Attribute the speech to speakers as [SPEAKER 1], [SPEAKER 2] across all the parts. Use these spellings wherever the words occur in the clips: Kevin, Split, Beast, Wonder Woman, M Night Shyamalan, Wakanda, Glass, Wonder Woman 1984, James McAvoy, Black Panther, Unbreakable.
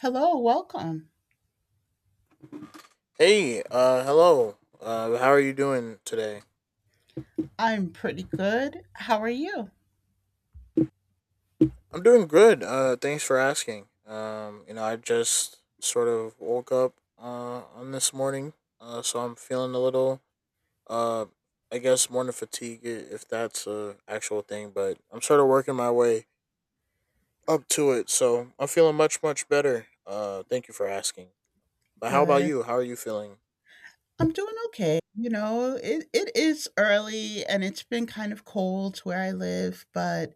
[SPEAKER 1] Hello, welcome.
[SPEAKER 2] Hey, hello. How are you doing today?
[SPEAKER 1] I'm pretty good. How are you?
[SPEAKER 2] I'm doing good. Thanks for asking. I just sort of woke up on this morning. So I'm feeling a little uh, I guess morning fatigue if that's a actual thing, but I'm sort of working my way up to it. So I'm feeling much better. Thank you for asking. But how about
[SPEAKER 1] Good.
[SPEAKER 2] you? How are you feeling?
[SPEAKER 1] I'm doing okay. You know, it is early and it's been kind of cold where I live, but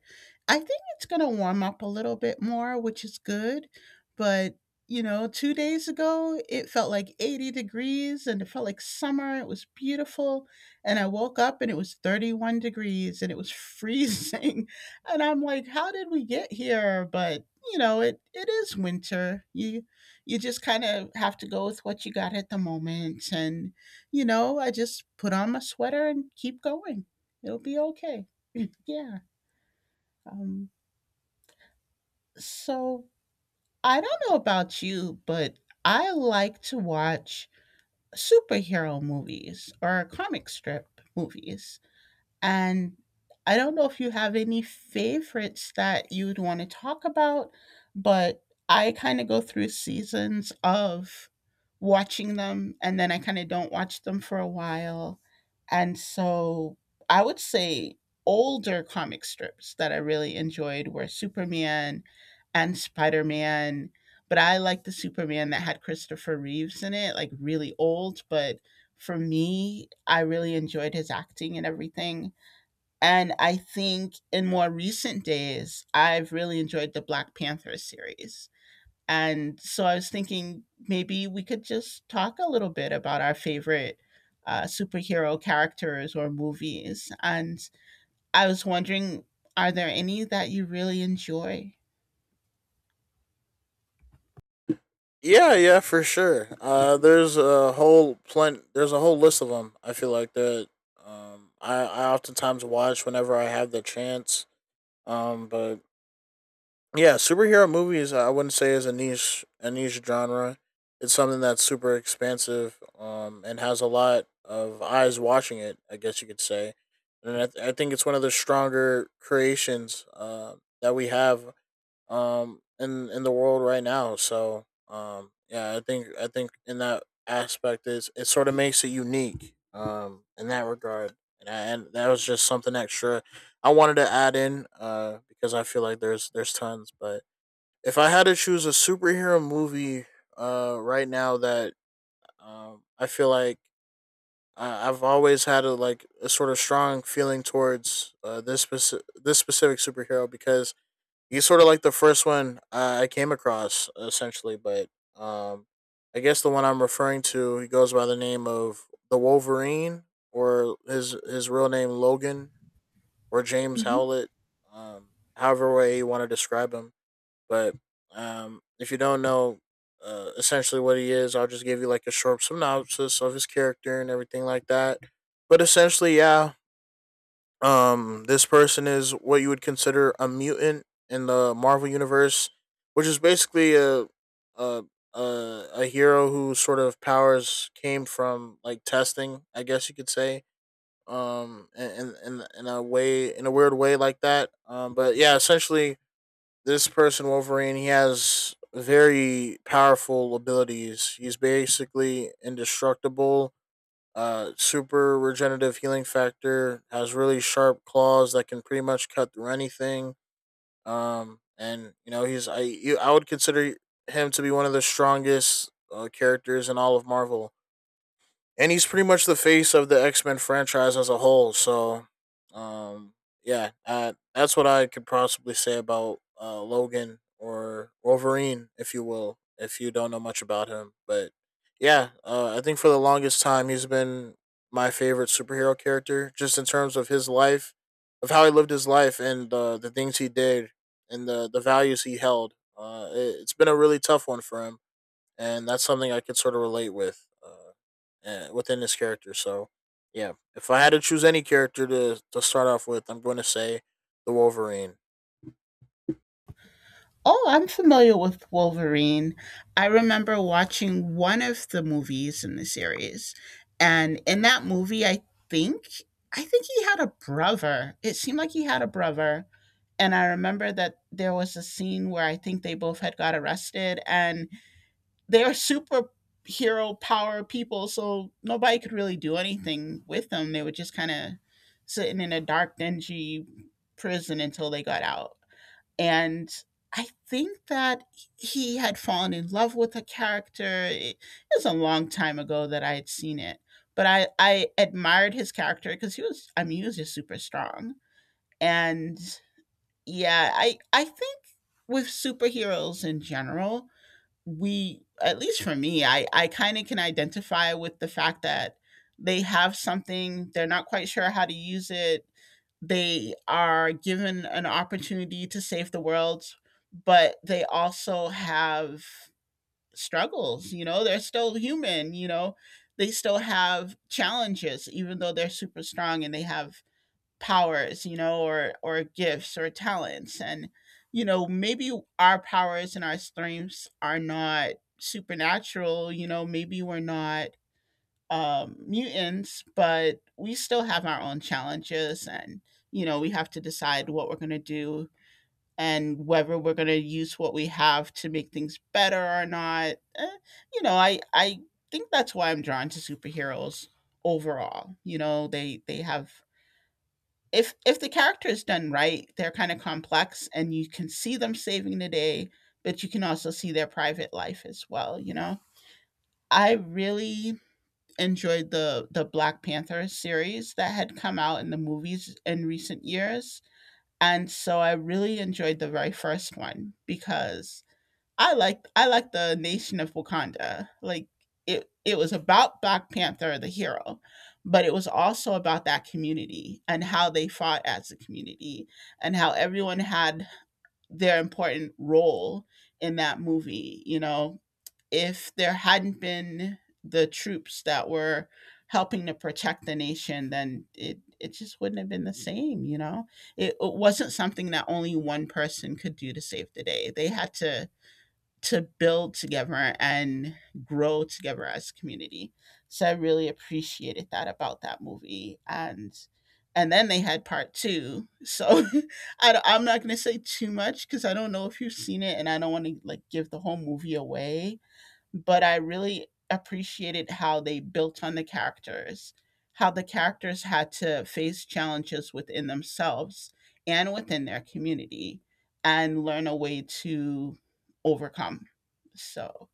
[SPEAKER 1] I think it's going to warm up a little bit more, which is good. But, you know, 2 days ago, it felt like 80 degrees and it felt like summer. It was beautiful. And I woke up and it was 31 degrees and it was freezing. And I'm like, how did we get here? But, you know, it is winter. You just kind of have to go with what you got at the moment, and you know, I just put on my sweater and keep going. It'll be okay. Yeah. Um, so I don't know about you, but I like to watch superhero movies or comic strip movies. And I don't know if you have any favorites that you'd want to talk about, but I kind of go through seasons of watching them and then I kind of don't watch them for a while. And so I would say older comic strips that I really enjoyed were Superman and Spider Man. But I like the Superman that had Christopher Reeves in it, like really old. But for me, I really enjoyed his acting and everything, and I think in more recent days, I've really enjoyed the Black Panther series. And so I was thinking maybe we could just talk a little bit about our favorite superhero characters or movies. And I was wondering, are there any that you really enjoy?
[SPEAKER 2] Yeah, yeah, for sure. There's a There's a whole list of them. I feel like that. I oftentimes watch whenever I have the chance. But Yeah, superhero movies I wouldn't say is a niche genre. It's something that's super expansive. And has a lot of eyes watching it, I guess you could say. I think it's one of the stronger creations. That we have in the world right now. So yeah, I think in that aspect is it sort of makes it unique in that regard. And that was just something extra I wanted to add in because I feel like there's tons, but if I had to choose a superhero movie right now that I feel like I've always had a like a sort of strong feeling towards uh, this specific superhero because he's sort of like the first one I came across, essentially. But um, I guess the one I'm referring to, he goes by the name of the Wolverine, or his real name Logan, or James
[SPEAKER 1] Mm-hmm.
[SPEAKER 2] Howlett. Um, however way you want to describe him. But if you don't know essentially what he is, I'll just give you like a short synopsis of his character and everything like that. But essentially, yeah, this person is what you would consider a mutant in the Marvel universe, which is basically a a hero whose sort of powers came from like testing, I guess you could say. In a way, in a weird way like that. But Yeah, essentially, this person Wolverine, he has very powerful abilities. He's basically indestructible, super regenerative healing factor, has really sharp claws that can pretty much cut through anything. And You know, I would consider him to be one of the strongest characters in all of Marvel, and he's pretty much the face of the X Men franchise as a whole. So, um, yeah, that's what I could possibly say about Logan or Wolverine, if you will, if you don't know much about him. But yeah, I think for the longest time he's been my favorite superhero character, just in terms of his life, of how he lived his life, and the things he did, and the values he held. It has been a really tough one for him, and that's something I could sort of relate with, within this character. So, yeah, if I had to choose any character to start off with, I'm going to say the Wolverine.
[SPEAKER 1] Oh, I'm familiar with Wolverine. I remember watching one of the movies in the series. And in that movie, think I think he had a brother. It seemed like he had a brother. And I remember that there was a scene where I think they both had got arrested, and they're superhero power people, so nobody could really do anything with them. They were just kind of sitting in a dark, dingy prison until they got out. And I think that he had fallen in love with a character. It was a long time ago that I had seen it, but I admired his character because he was, I mean, he was just super strong. And yeah, I think with superheroes in general, we, at least for me, I kind of can identify with the fact that they have something. They're not quite sure how to use it. They are given an opportunity to save the world, but they also have struggles. You know, they're still human. You know, they still have challenges even though they're super strong and they have powers, you know, or gifts or talents. And you know, maybe our powers and our strengths are not supernatural. You know, maybe we're not mutants, but we still have our own challenges. And you know, we have to decide what we're going to do, and whether we're going to use what we have to make things better or not. Eh, you know, I think that's why I'm drawn to superheroes overall. You know, they have, if the character is done right, they're kind of complex, and you can see them saving the day, but you can also see their private life as well, you know. I really enjoyed the Black Panther series that had come out in the movies in recent years. And so I really enjoyed the very first one because I like the Nation of Wakanda. Like it was about Black Panther the hero, but it was also about that community and how they fought as a community, and how everyone had their important role in that movie, you know. If there hadn't been the troops that were helping to protect the nation, then it just wouldn't have been the same, you know. It wasn't something that only one person could do to save the day. They had to build together and grow together as a community. So I really appreciated that about that movie, and then they had part 2. So I'm not going to say too much cuz I don't know if you've seen it and I don't want to like give the whole movie away, but I really appreciated how they built on the characters, how the characters had to face challenges within themselves and within their community, and learn a way to overcome. So,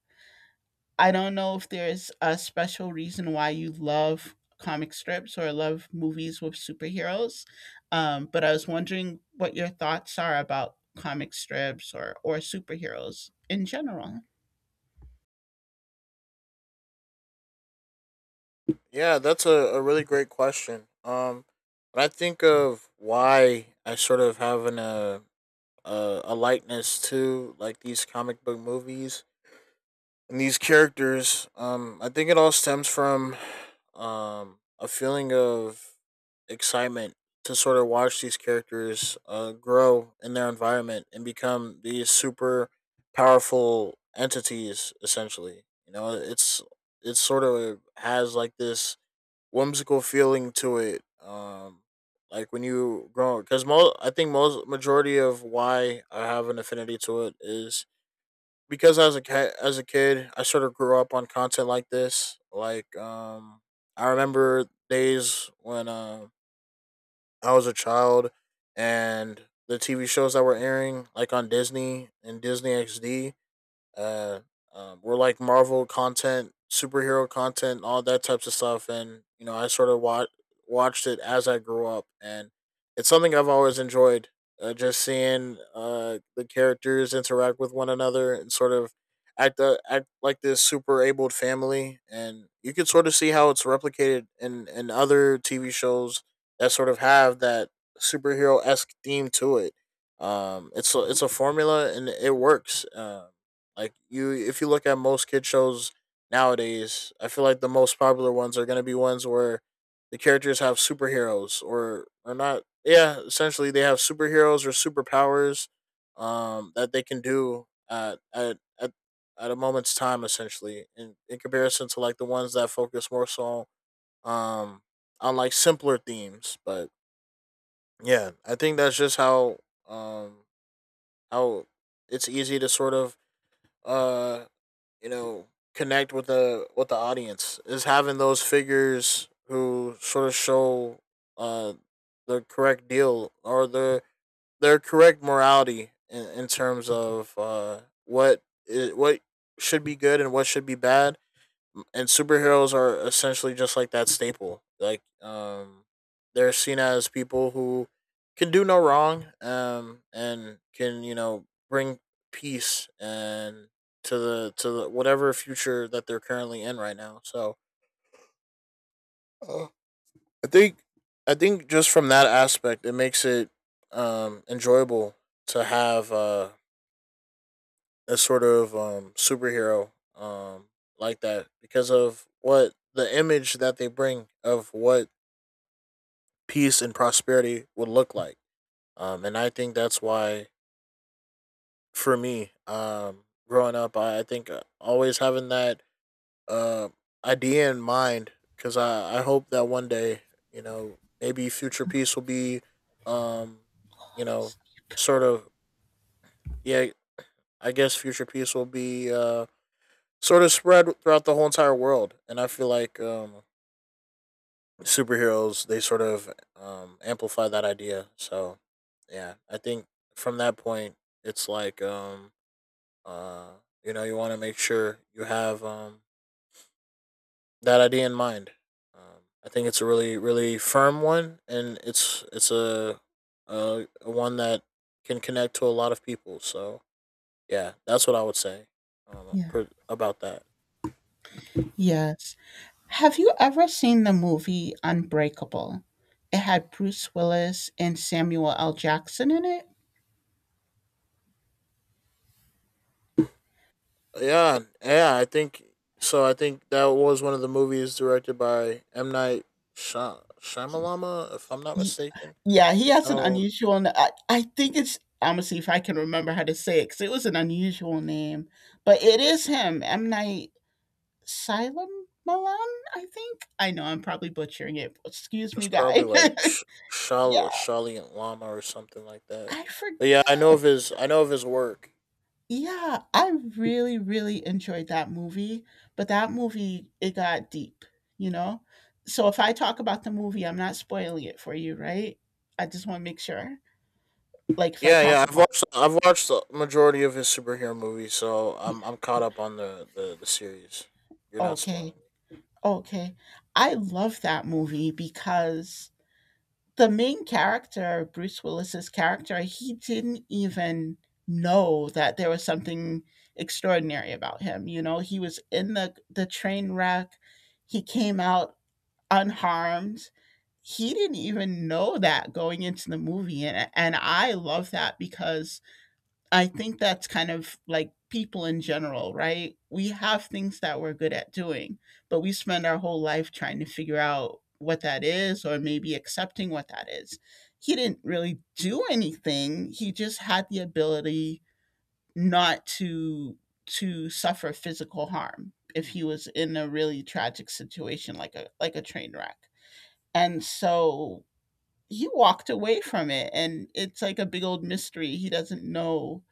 [SPEAKER 1] I don't know if there's a special reason why you love comic strips or love movies with superheroes, but I was wondering what your thoughts are about comic strips or superheroes in general.
[SPEAKER 2] Yeah, that's a really great question. When I think of why I sort of have a likeness to like these comic book movies, and these characters, I think it all stems from a feeling of excitement to sort of watch these characters grow in their environment and become these super powerful entities essentially. You know, it's sort of has like this whimsical feeling to it. Like when you grow, because most I think most majority of why I have an affinity to it is because as as a kid, I sort of grew up on content like this. Like, I remember days when I was a child, and the TV shows that were airing, like on Disney and Disney XD, uh, we're like Marvel content, superhero content, all that types of stuff. And you know, I sort of watched it as I grew up, and it's something I've always enjoyed. Just seeing the characters interact with one another and sort of act like this super abled family, and you can sort of see how it's replicated in other TV shows that sort of have that superhero esque theme to it. It's it's a formula and it works. Like, you, if you look at most kid shows nowadays, I feel like the most popular ones are going to be ones where the characters have superheroes or not yeah, essentially they have superheroes or superpowers that they can do at a moment's time essentially in comparison to like the ones that focus more so um on like simpler themes. But yeah, I think that's just um how it's easy to sort of uh you know connect with the audience is having those figures who sort of show uh the correct deal or their correct morality in terms of what is, what should be good and what should be bad. And superheroes are essentially just like that staple. Like, they're seen as people who can do no wrong, and can you know bring peace and to the whatever future that they're currently in right now. So, uh, I think I think just from that aspect, it makes it enjoyable to have a sort of superhero like that because of what the image that they bring of what peace and prosperity would look like. And I think that's why, for me, growing up, I think always having that uh, idea in mind, because I hope that one day, you know, maybe future peace will be, um, you know, sort of, yeah, I guess future peace will be sort of spread throughout the whole entire world. And I feel like superheroes, they sort of amplify that idea. So yeah, I think from that point, it's uh, you know, you want to make sure you have that idea in mind. I think it's a really firm one, and a one that can connect to a lot of people. So yeah, that's what I would say
[SPEAKER 1] Yeah.
[SPEAKER 2] about that.
[SPEAKER 1] Yes. Have you ever seen the movie Unbreakable? It had Bruce Willis and Samuel L. Jackson in it.
[SPEAKER 2] Yeah, yeah, I think so. I think that was one of the movies directed by M Night Shyamalama, if I'm not
[SPEAKER 1] Ye-
[SPEAKER 2] mistaken.
[SPEAKER 1] yeah, he
[SPEAKER 2] I
[SPEAKER 1] has an
[SPEAKER 2] don't.
[SPEAKER 1] unusual I think it's — I'm gonna see if I can remember how to say it because it was an unusual name, but it is him. M Night Shyamalan, I think. I know I'm probably butchering it. Excuse
[SPEAKER 2] It's
[SPEAKER 1] me,
[SPEAKER 2] probably
[SPEAKER 1] guy.
[SPEAKER 2] like
[SPEAKER 1] Yeah,
[SPEAKER 2] Shalient Lama or something like that.
[SPEAKER 1] I
[SPEAKER 2] But yeah,
[SPEAKER 1] forget.
[SPEAKER 2] I know of his work.
[SPEAKER 1] Yeah, I really, really enjoyed that movie, but that movie, it got deep, you know? So if I talk about the movie, I'm not spoiling it for you, right? I just want to make sure. Like if I
[SPEAKER 2] Yeah,
[SPEAKER 1] talk
[SPEAKER 2] yeah,
[SPEAKER 1] about —
[SPEAKER 2] I've watched the majority of his superhero movies, so
[SPEAKER 1] yeah,
[SPEAKER 2] I'm caught
[SPEAKER 1] yeah.
[SPEAKER 2] up on the series. You're not
[SPEAKER 1] Okay.
[SPEAKER 2] spoiling.
[SPEAKER 1] Okay. I love that movie because the main character, Bruce Willis's character, he didn't even know that there was something extraordinary about him. You know, he was in the train wreck. He came out unharmed. He didn't even know that going into the movie. And, I love that because I think that's kind of like people in general, right? We have things that we're good at doing, but we spend our whole life trying to figure out what that is or maybe accepting what that is. He didn't really do anything. He just had the ability not to suffer physical harm if he was in a really tragic situation like a train wreck. And so he walked away from it. And it's like a big old mystery. He doesn't know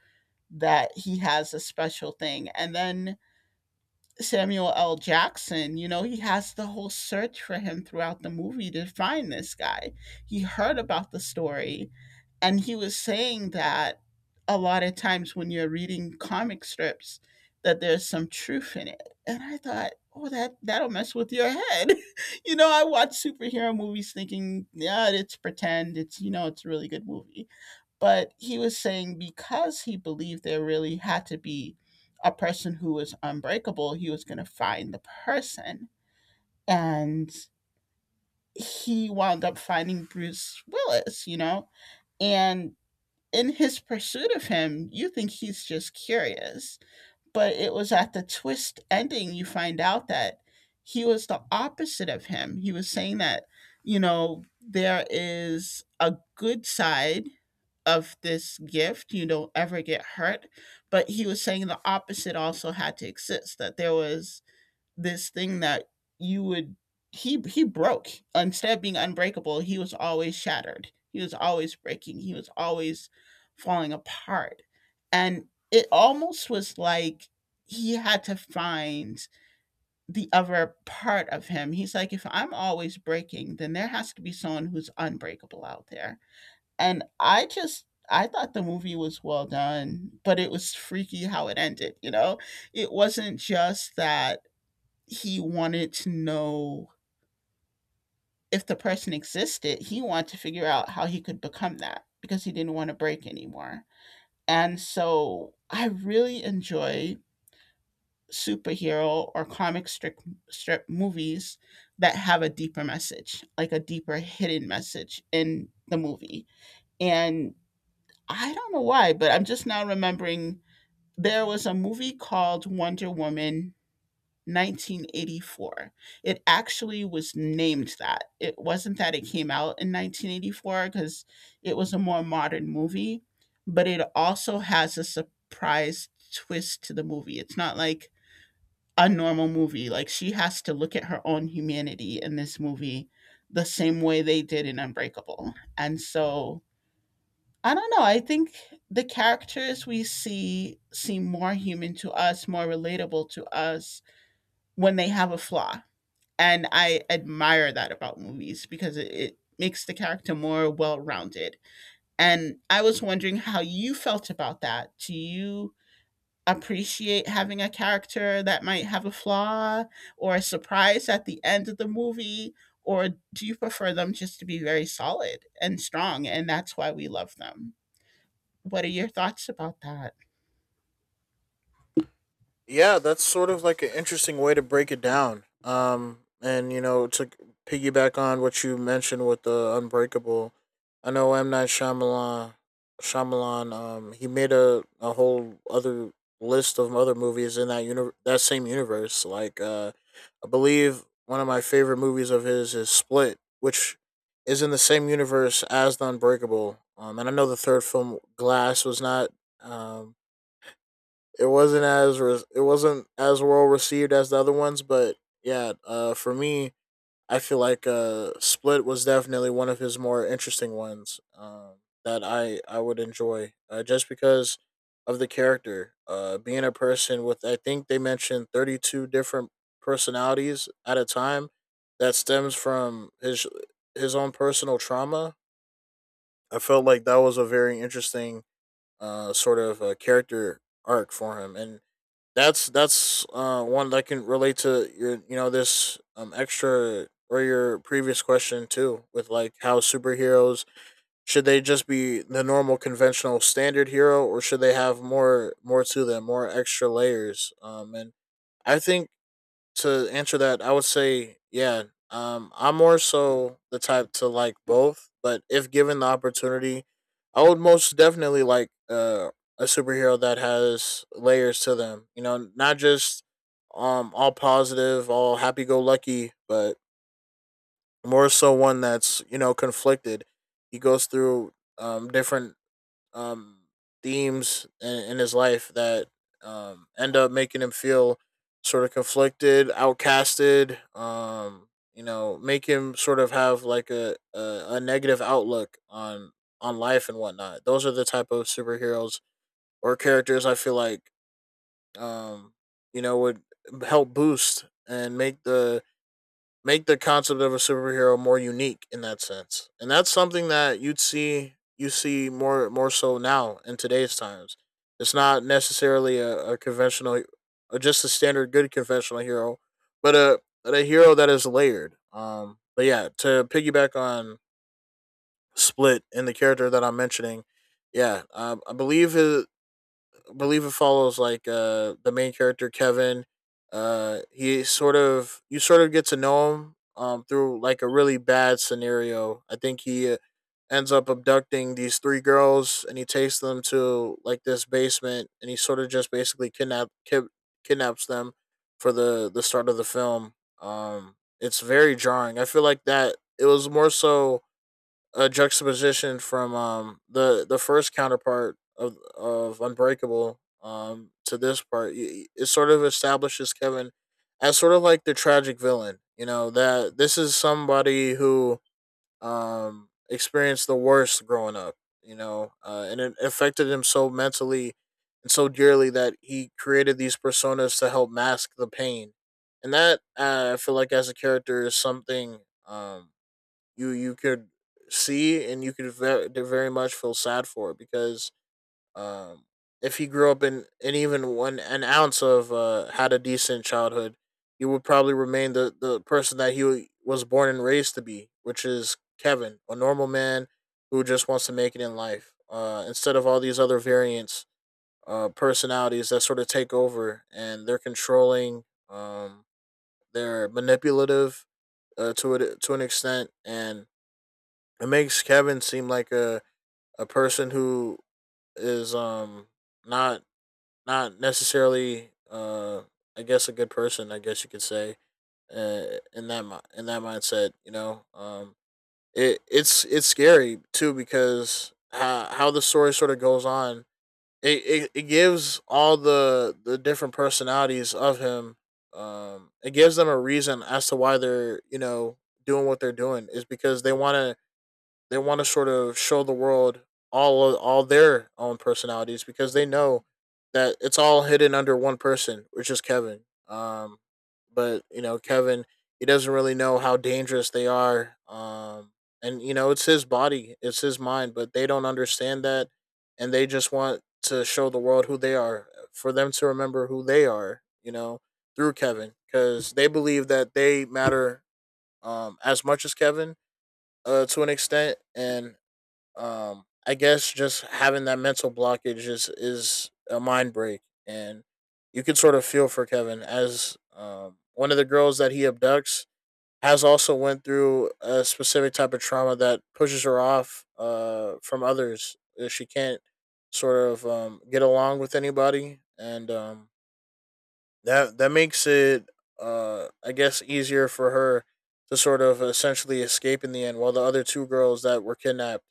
[SPEAKER 1] that he has a special thing. And then Samuel L. Jackson, you know, he has the whole search for him throughout the movie to find this guy. He heard about the story, and he was saying that a lot of times when you're reading comic strips, that there's some truth in it. And I thought, oh, that'll mess with your head. You know, I watch superhero movies thinking, yeah, it's pretend, it's, you know, it's a really good movie, but he was saying, because he believed there really had to be a person who was unbreakable, he was going to find the person. And he wound up finding Bruce Willis, you know. And in his pursuit of him, you think he's just curious. But it was at the twist ending you find out that he was the opposite of him. He was saying that, you know, there is a good side of this gift: you don't ever get hurt. But he was saying the opposite also had to exist, that there was this thing that you would — he broke. Instead of being unbreakable, he was always shattered. He was always breaking. He was always falling apart. And it almost was like he had to find the other part of him. He's like, if I'm always breaking, then there has to be someone who's unbreakable out there. And I just I thought the movie was well done, but it was freaky how it ended, you know. It wasn't just that he wanted to know if the person existed. He wanted to figure out how he could become that because he didn't want to break anymore. And so I really enjoy superhero or comic strip movies that have a deeper message, like a deeper hidden message in the movie. And I don't know why, but I'm just now remembering there was a movie called Wonder Woman 1984. It actually was named that. It wasn't that it came out in 1984 because it was a more modern movie, but it also has a surprise twist to the movie. It's not like a normal movie. Like she has to look at her own humanity in this movie the same way they did in Unbreakable. And so I don't know. I think the characters we see seem more human to us, more relatable to us when they have a flaw. And I admire that about movies because it makes the character more well-rounded. And I was wondering how you felt about that. Do you appreciate having a character that might have a flaw or a surprise at the end of the movie? Or do you prefer them just to be very solid and strong, and that's why we love them? What are your thoughts about that?
[SPEAKER 2] Yeah, that's sort of like an interesting way to break it down. And you know, to piggyback on what you mentioned with the Unbreakable, I know M Night Shyamalan, he made a whole other list of other movies in that that same universe. Like, I believe one of my favorite movies of his is Split, which is in the same universe as the Unbreakable. And I know the third film, Glass, was not um it wasn't as well received as the other ones. But yeah, for me, I feel like Split was definitely one of his more interesting ones, that I would enjoy, just because of the character being a person with, I think they mentioned, 32 different personalities at a time that stems from his own personal trauma. I felt like that was a very interesting character arc for him. And that's one that can relate to your, you know, this extra or your previous question too, with like how superheroes, should they just be the normal conventional standard hero, or should they have more to them, more extra layers? And I think to answer that, I would say, yeah, I'm more so the type to like both, but if given the opportunity, I would most definitely like a superhero that has layers to them. You know, not just all positive, all happy go lucky, but more so one that's you know conflicted. He goes through different um, themes in his life that end up making him feel sort of conflicted, outcasted. You know, make him sort of have like a negative outlook on life and whatnot. Those are the type of superheroes or characters I feel like um, you know would help boost and make the concept of a superhero more unique in that sense. And that's something that you see more so now in today's times. It's not necessarily a conventional or just a standard good conventional hero, but a hero that is layered. But yeah, to piggyback on Split and the character that I'm mentioning, yeah, I believe it follows like the main character Kevin. He sort of you sort of get to know him through like a really bad scenario. I think he ends up abducting these three girls, and he takes them to like this basement, and he sort of just basically kidnaps them for the start of the film. It's very jarring. I feel like that it was more so a juxtaposition from the first counterpart of Unbreakable to this part. It sort of establishes Kevin as sort of like the tragic villain. You know that this is somebody who experienced the worst growing up. You know, and it affected him so mentally and so dearly that he created these personas to help mask the pain. And that, I feel like, as a character is something, um you could see and you could very, very much feel sad for, because um, if he grew up in and even one an ounce of had a decent childhood, he would probably remain the person that he was born and raised to be, which is Kevin, a normal man who just wants to make it in life. Instead of all these other variants, personalities that sort of take over, and they're controlling, they're manipulative to it to an extent, and it makes Kevin seem like a person who is, not not necessarily, I guess a good person, I guess you could say, uh, in in that mindset. You know, it's scary too, because how the story sort of goes on, it gives all the different personalities of him. It gives them a reason as to why they're, you know, doing what they're doing, is because they want to sort of show the world all of, all their own personalities, because they know that it's all hidden under one person, which is Kevin. But you know, Kevin, he doesn't really know how dangerous they are. And you know, it's his body, it's his mind, but they don't understand that, and they just want to show the world who they are, for them to remember who they are. You know, through Kevin, because they believe that they matter as much as Kevin, to an extent. And I guess just having that mental blockage is a mind break. And you can sort of feel for Kevin, as one of the girls that he abducts has also went through a specific type of trauma that pushes her off from others. She can't sort of get along with anybody, and that makes it, I guess, easier for her to sort of essentially escape in the end, while the other two girls that were kidnapped,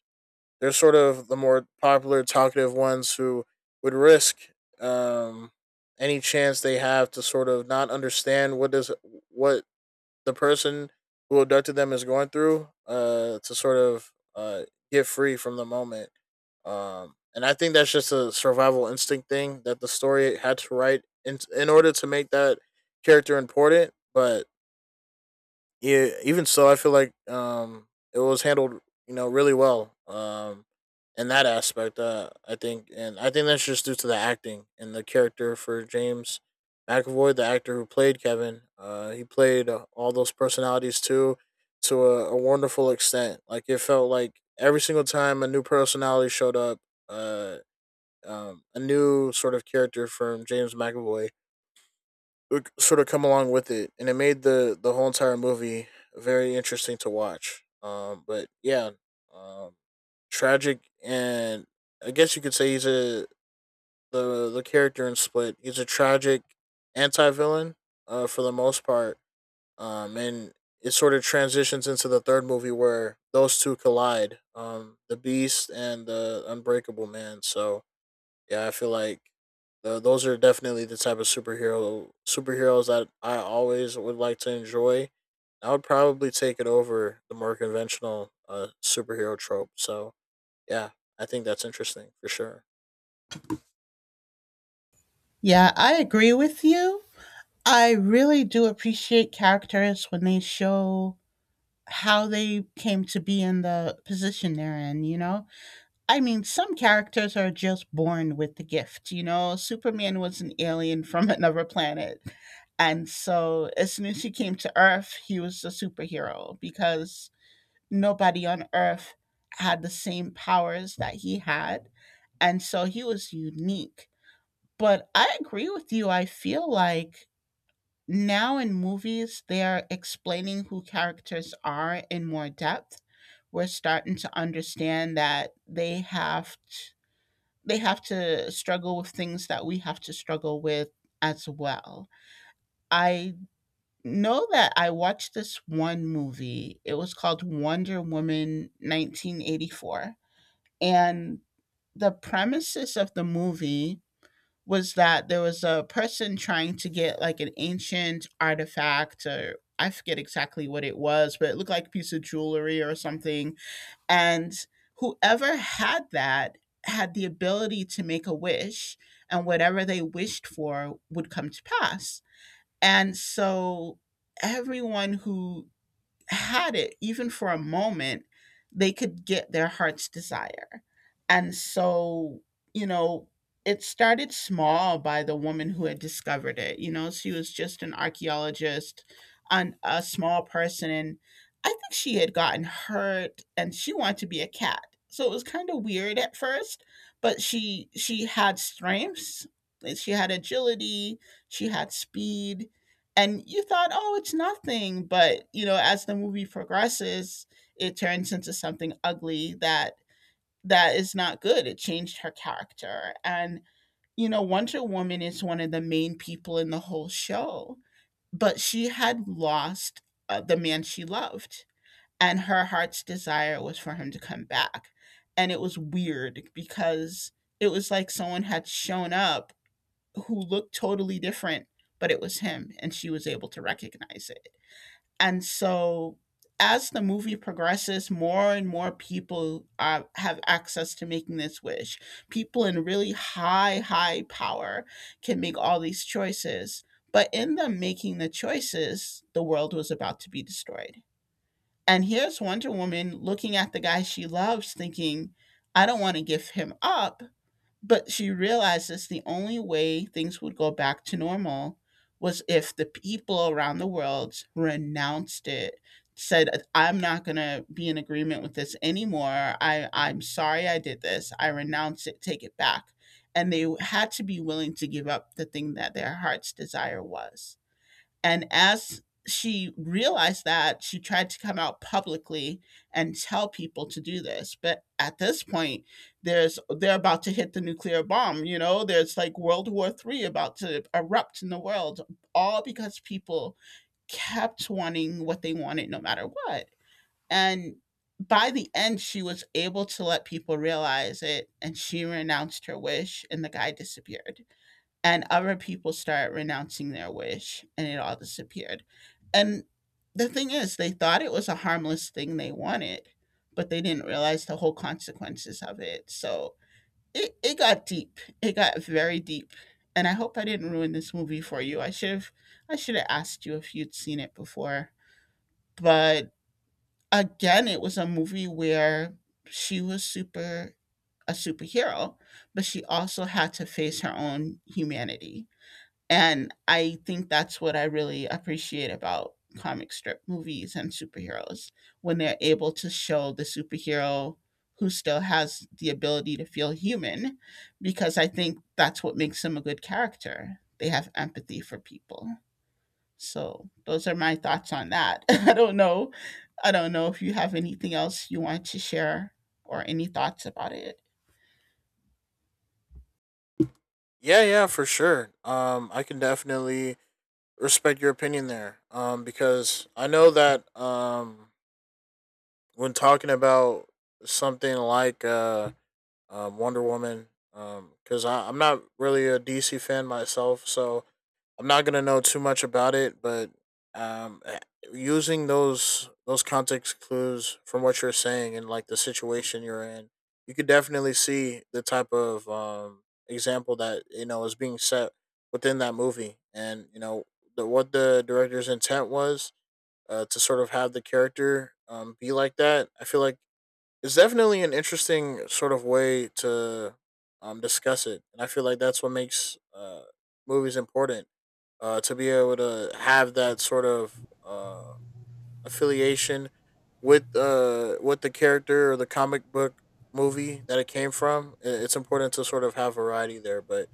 [SPEAKER 2] they're sort of the more popular, talkative ones who would risk um, any chance they have to sort of not understand what does what the person who abducted them is going through, to sort of get free from the moment. And I think that's just a survival instinct thing that the story had to write in order to make that character important. But yeah, even so, I feel like, it was handled, you know, really well. In that aspect, I think, and I think that's just due to the acting and the character for James McAvoy, the actor who played Kevin. He played all those personalities too, to a wonderful extent. Like, it felt like every single time a new personality showed up, uh, a new sort of character from James McAvoy sort of come along with it, and it made the whole entire movie very interesting to watch. But yeah, um, tragic, and I guess you could say he's a the character in Split. He's a tragic anti villain, for the most part. And it sort of transitions into the third movie, where those two collide, the Beast and the Unbreakable Man. So yeah, I feel like those are definitely the type of superheroes that I always would like to enjoy. I would probably take it over the more conventional, superhero trope. So yeah, I think that's interesting for sure.
[SPEAKER 1] Yeah, I agree with you. I really do appreciate characters when they show how they came to be in the position they're in, you know? I mean, some characters are just born with the gift, you know? Superman was an alien from another planet. And so as soon as he came to Earth, he was a superhero because nobody on Earth had the same powers that he had. And so he was unique. But I agree with you. I feel like now in movies they are explaining who characters are in more depth. We're starting to understand that they have to struggle with things that we have to struggle with as well. I know that I watched this one movie. It was called Wonder Woman 1984. And the premises of the movie was that there was a person trying to get like an ancient artifact, or I forget exactly what it was, but it looked like a piece of jewelry or something. And whoever had that had the ability to make a wish, and whatever they wished for would come to pass. And so everyone who had it, even for a moment, they could get their heart's desire. And so, you know, it started small by the woman who had discovered it. You know, she was just an archaeologist and a small person. And I think she had gotten hurt and she wanted to be a cat. So it was kind of weird at first, but she had strengths. She had agility, she had speed, and you thought, oh, it's nothing. But you know, as the movie progresses, it turns into something ugly that is not good. It changed her character. And you know, Wonder Woman is one of the main people in the whole show, but she had lost the man she loved, and her heart's desire was for him to come back. And it was weird because it was like someone had shown up who looked totally different, but it was him, and she was able to recognize it. And so, as the movie progresses, more and more people have access to making this wish. People in really high, high power can make all these choices. But in them making the choices, the world was about to be destroyed. And here's Wonder Woman looking at the guy she loves, thinking, I don't want to give him up, but she realizes the only way things would go back to normal was if the people around the world renounced it, said, I'm not going to be in agreement with this anymore. I'm sorry I did this. I renounce it, take it back. And they had to be willing to give up the thing that their heart's desire was. And as she realized that, she tried to come out publicly and tell people to do this. But at this point, there's they're about to hit the nuclear bomb. You know, there's like World War Three about to erupt in the world, all because people kept wanting what they wanted no matter what. And by the end, she was able to let people realize it, and she renounced her wish and the guy disappeared and other people started renouncing their wish and it all disappeared. And the thing is, they thought it was a harmless thing they wanted, but they didn't realize the whole consequences of it. So it got deep. It got very deep. And I hope I didn't ruin this movie for you. I should have asked you if you'd seen it before. But again, it was a movie where she was super a superhero, but she also had to face her own humanity, and I think that's what I really appreciate about comic strip movies and superheroes, when they're able to show the superhero who still has the ability to feel human, because I think that's what makes them a good character. They have empathy for people. So those are my thoughts on that. I don't know. I don't know if you have anything else you want to share or any thoughts about it.
[SPEAKER 2] Yeah, yeah, for sure. I can definitely respect your opinion there. Because I know that, when talking about something like Wonder Woman, because I'm not really a DC fan myself, so I'm not gonna know too much about it. But um, eh, using those context clues from what you're saying and like the situation you're in, you could definitely see the type of, example that, you know, is being set within that movie, and you know the, what the director's intent was, to sort of have the character, be like that. I feel like it's definitely an interesting sort of way to discuss it, and I feel like that's what makes, movies important. To be able to have that sort of, affiliation with the character or the comic book movie that it came from. It's important to sort of have variety there. But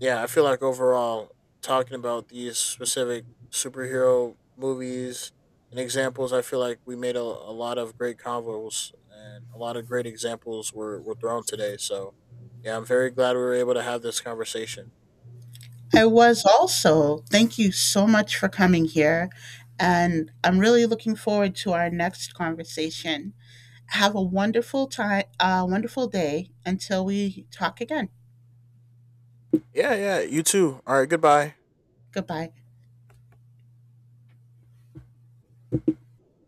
[SPEAKER 2] yeah, I feel like overall, talking about these specific superhero movies and examples, I feel like we made a lot of great convos, and a lot of great examples were thrown today. So yeah, I'm very glad we were able to have this conversation.
[SPEAKER 1] I was also. Thank you so much for coming here. And I'm really looking forward to our next conversation. Have a wonderful time, wonderful day until we talk again.
[SPEAKER 2] Yeah, yeah, you too. All right, goodbye.
[SPEAKER 1] Goodbye.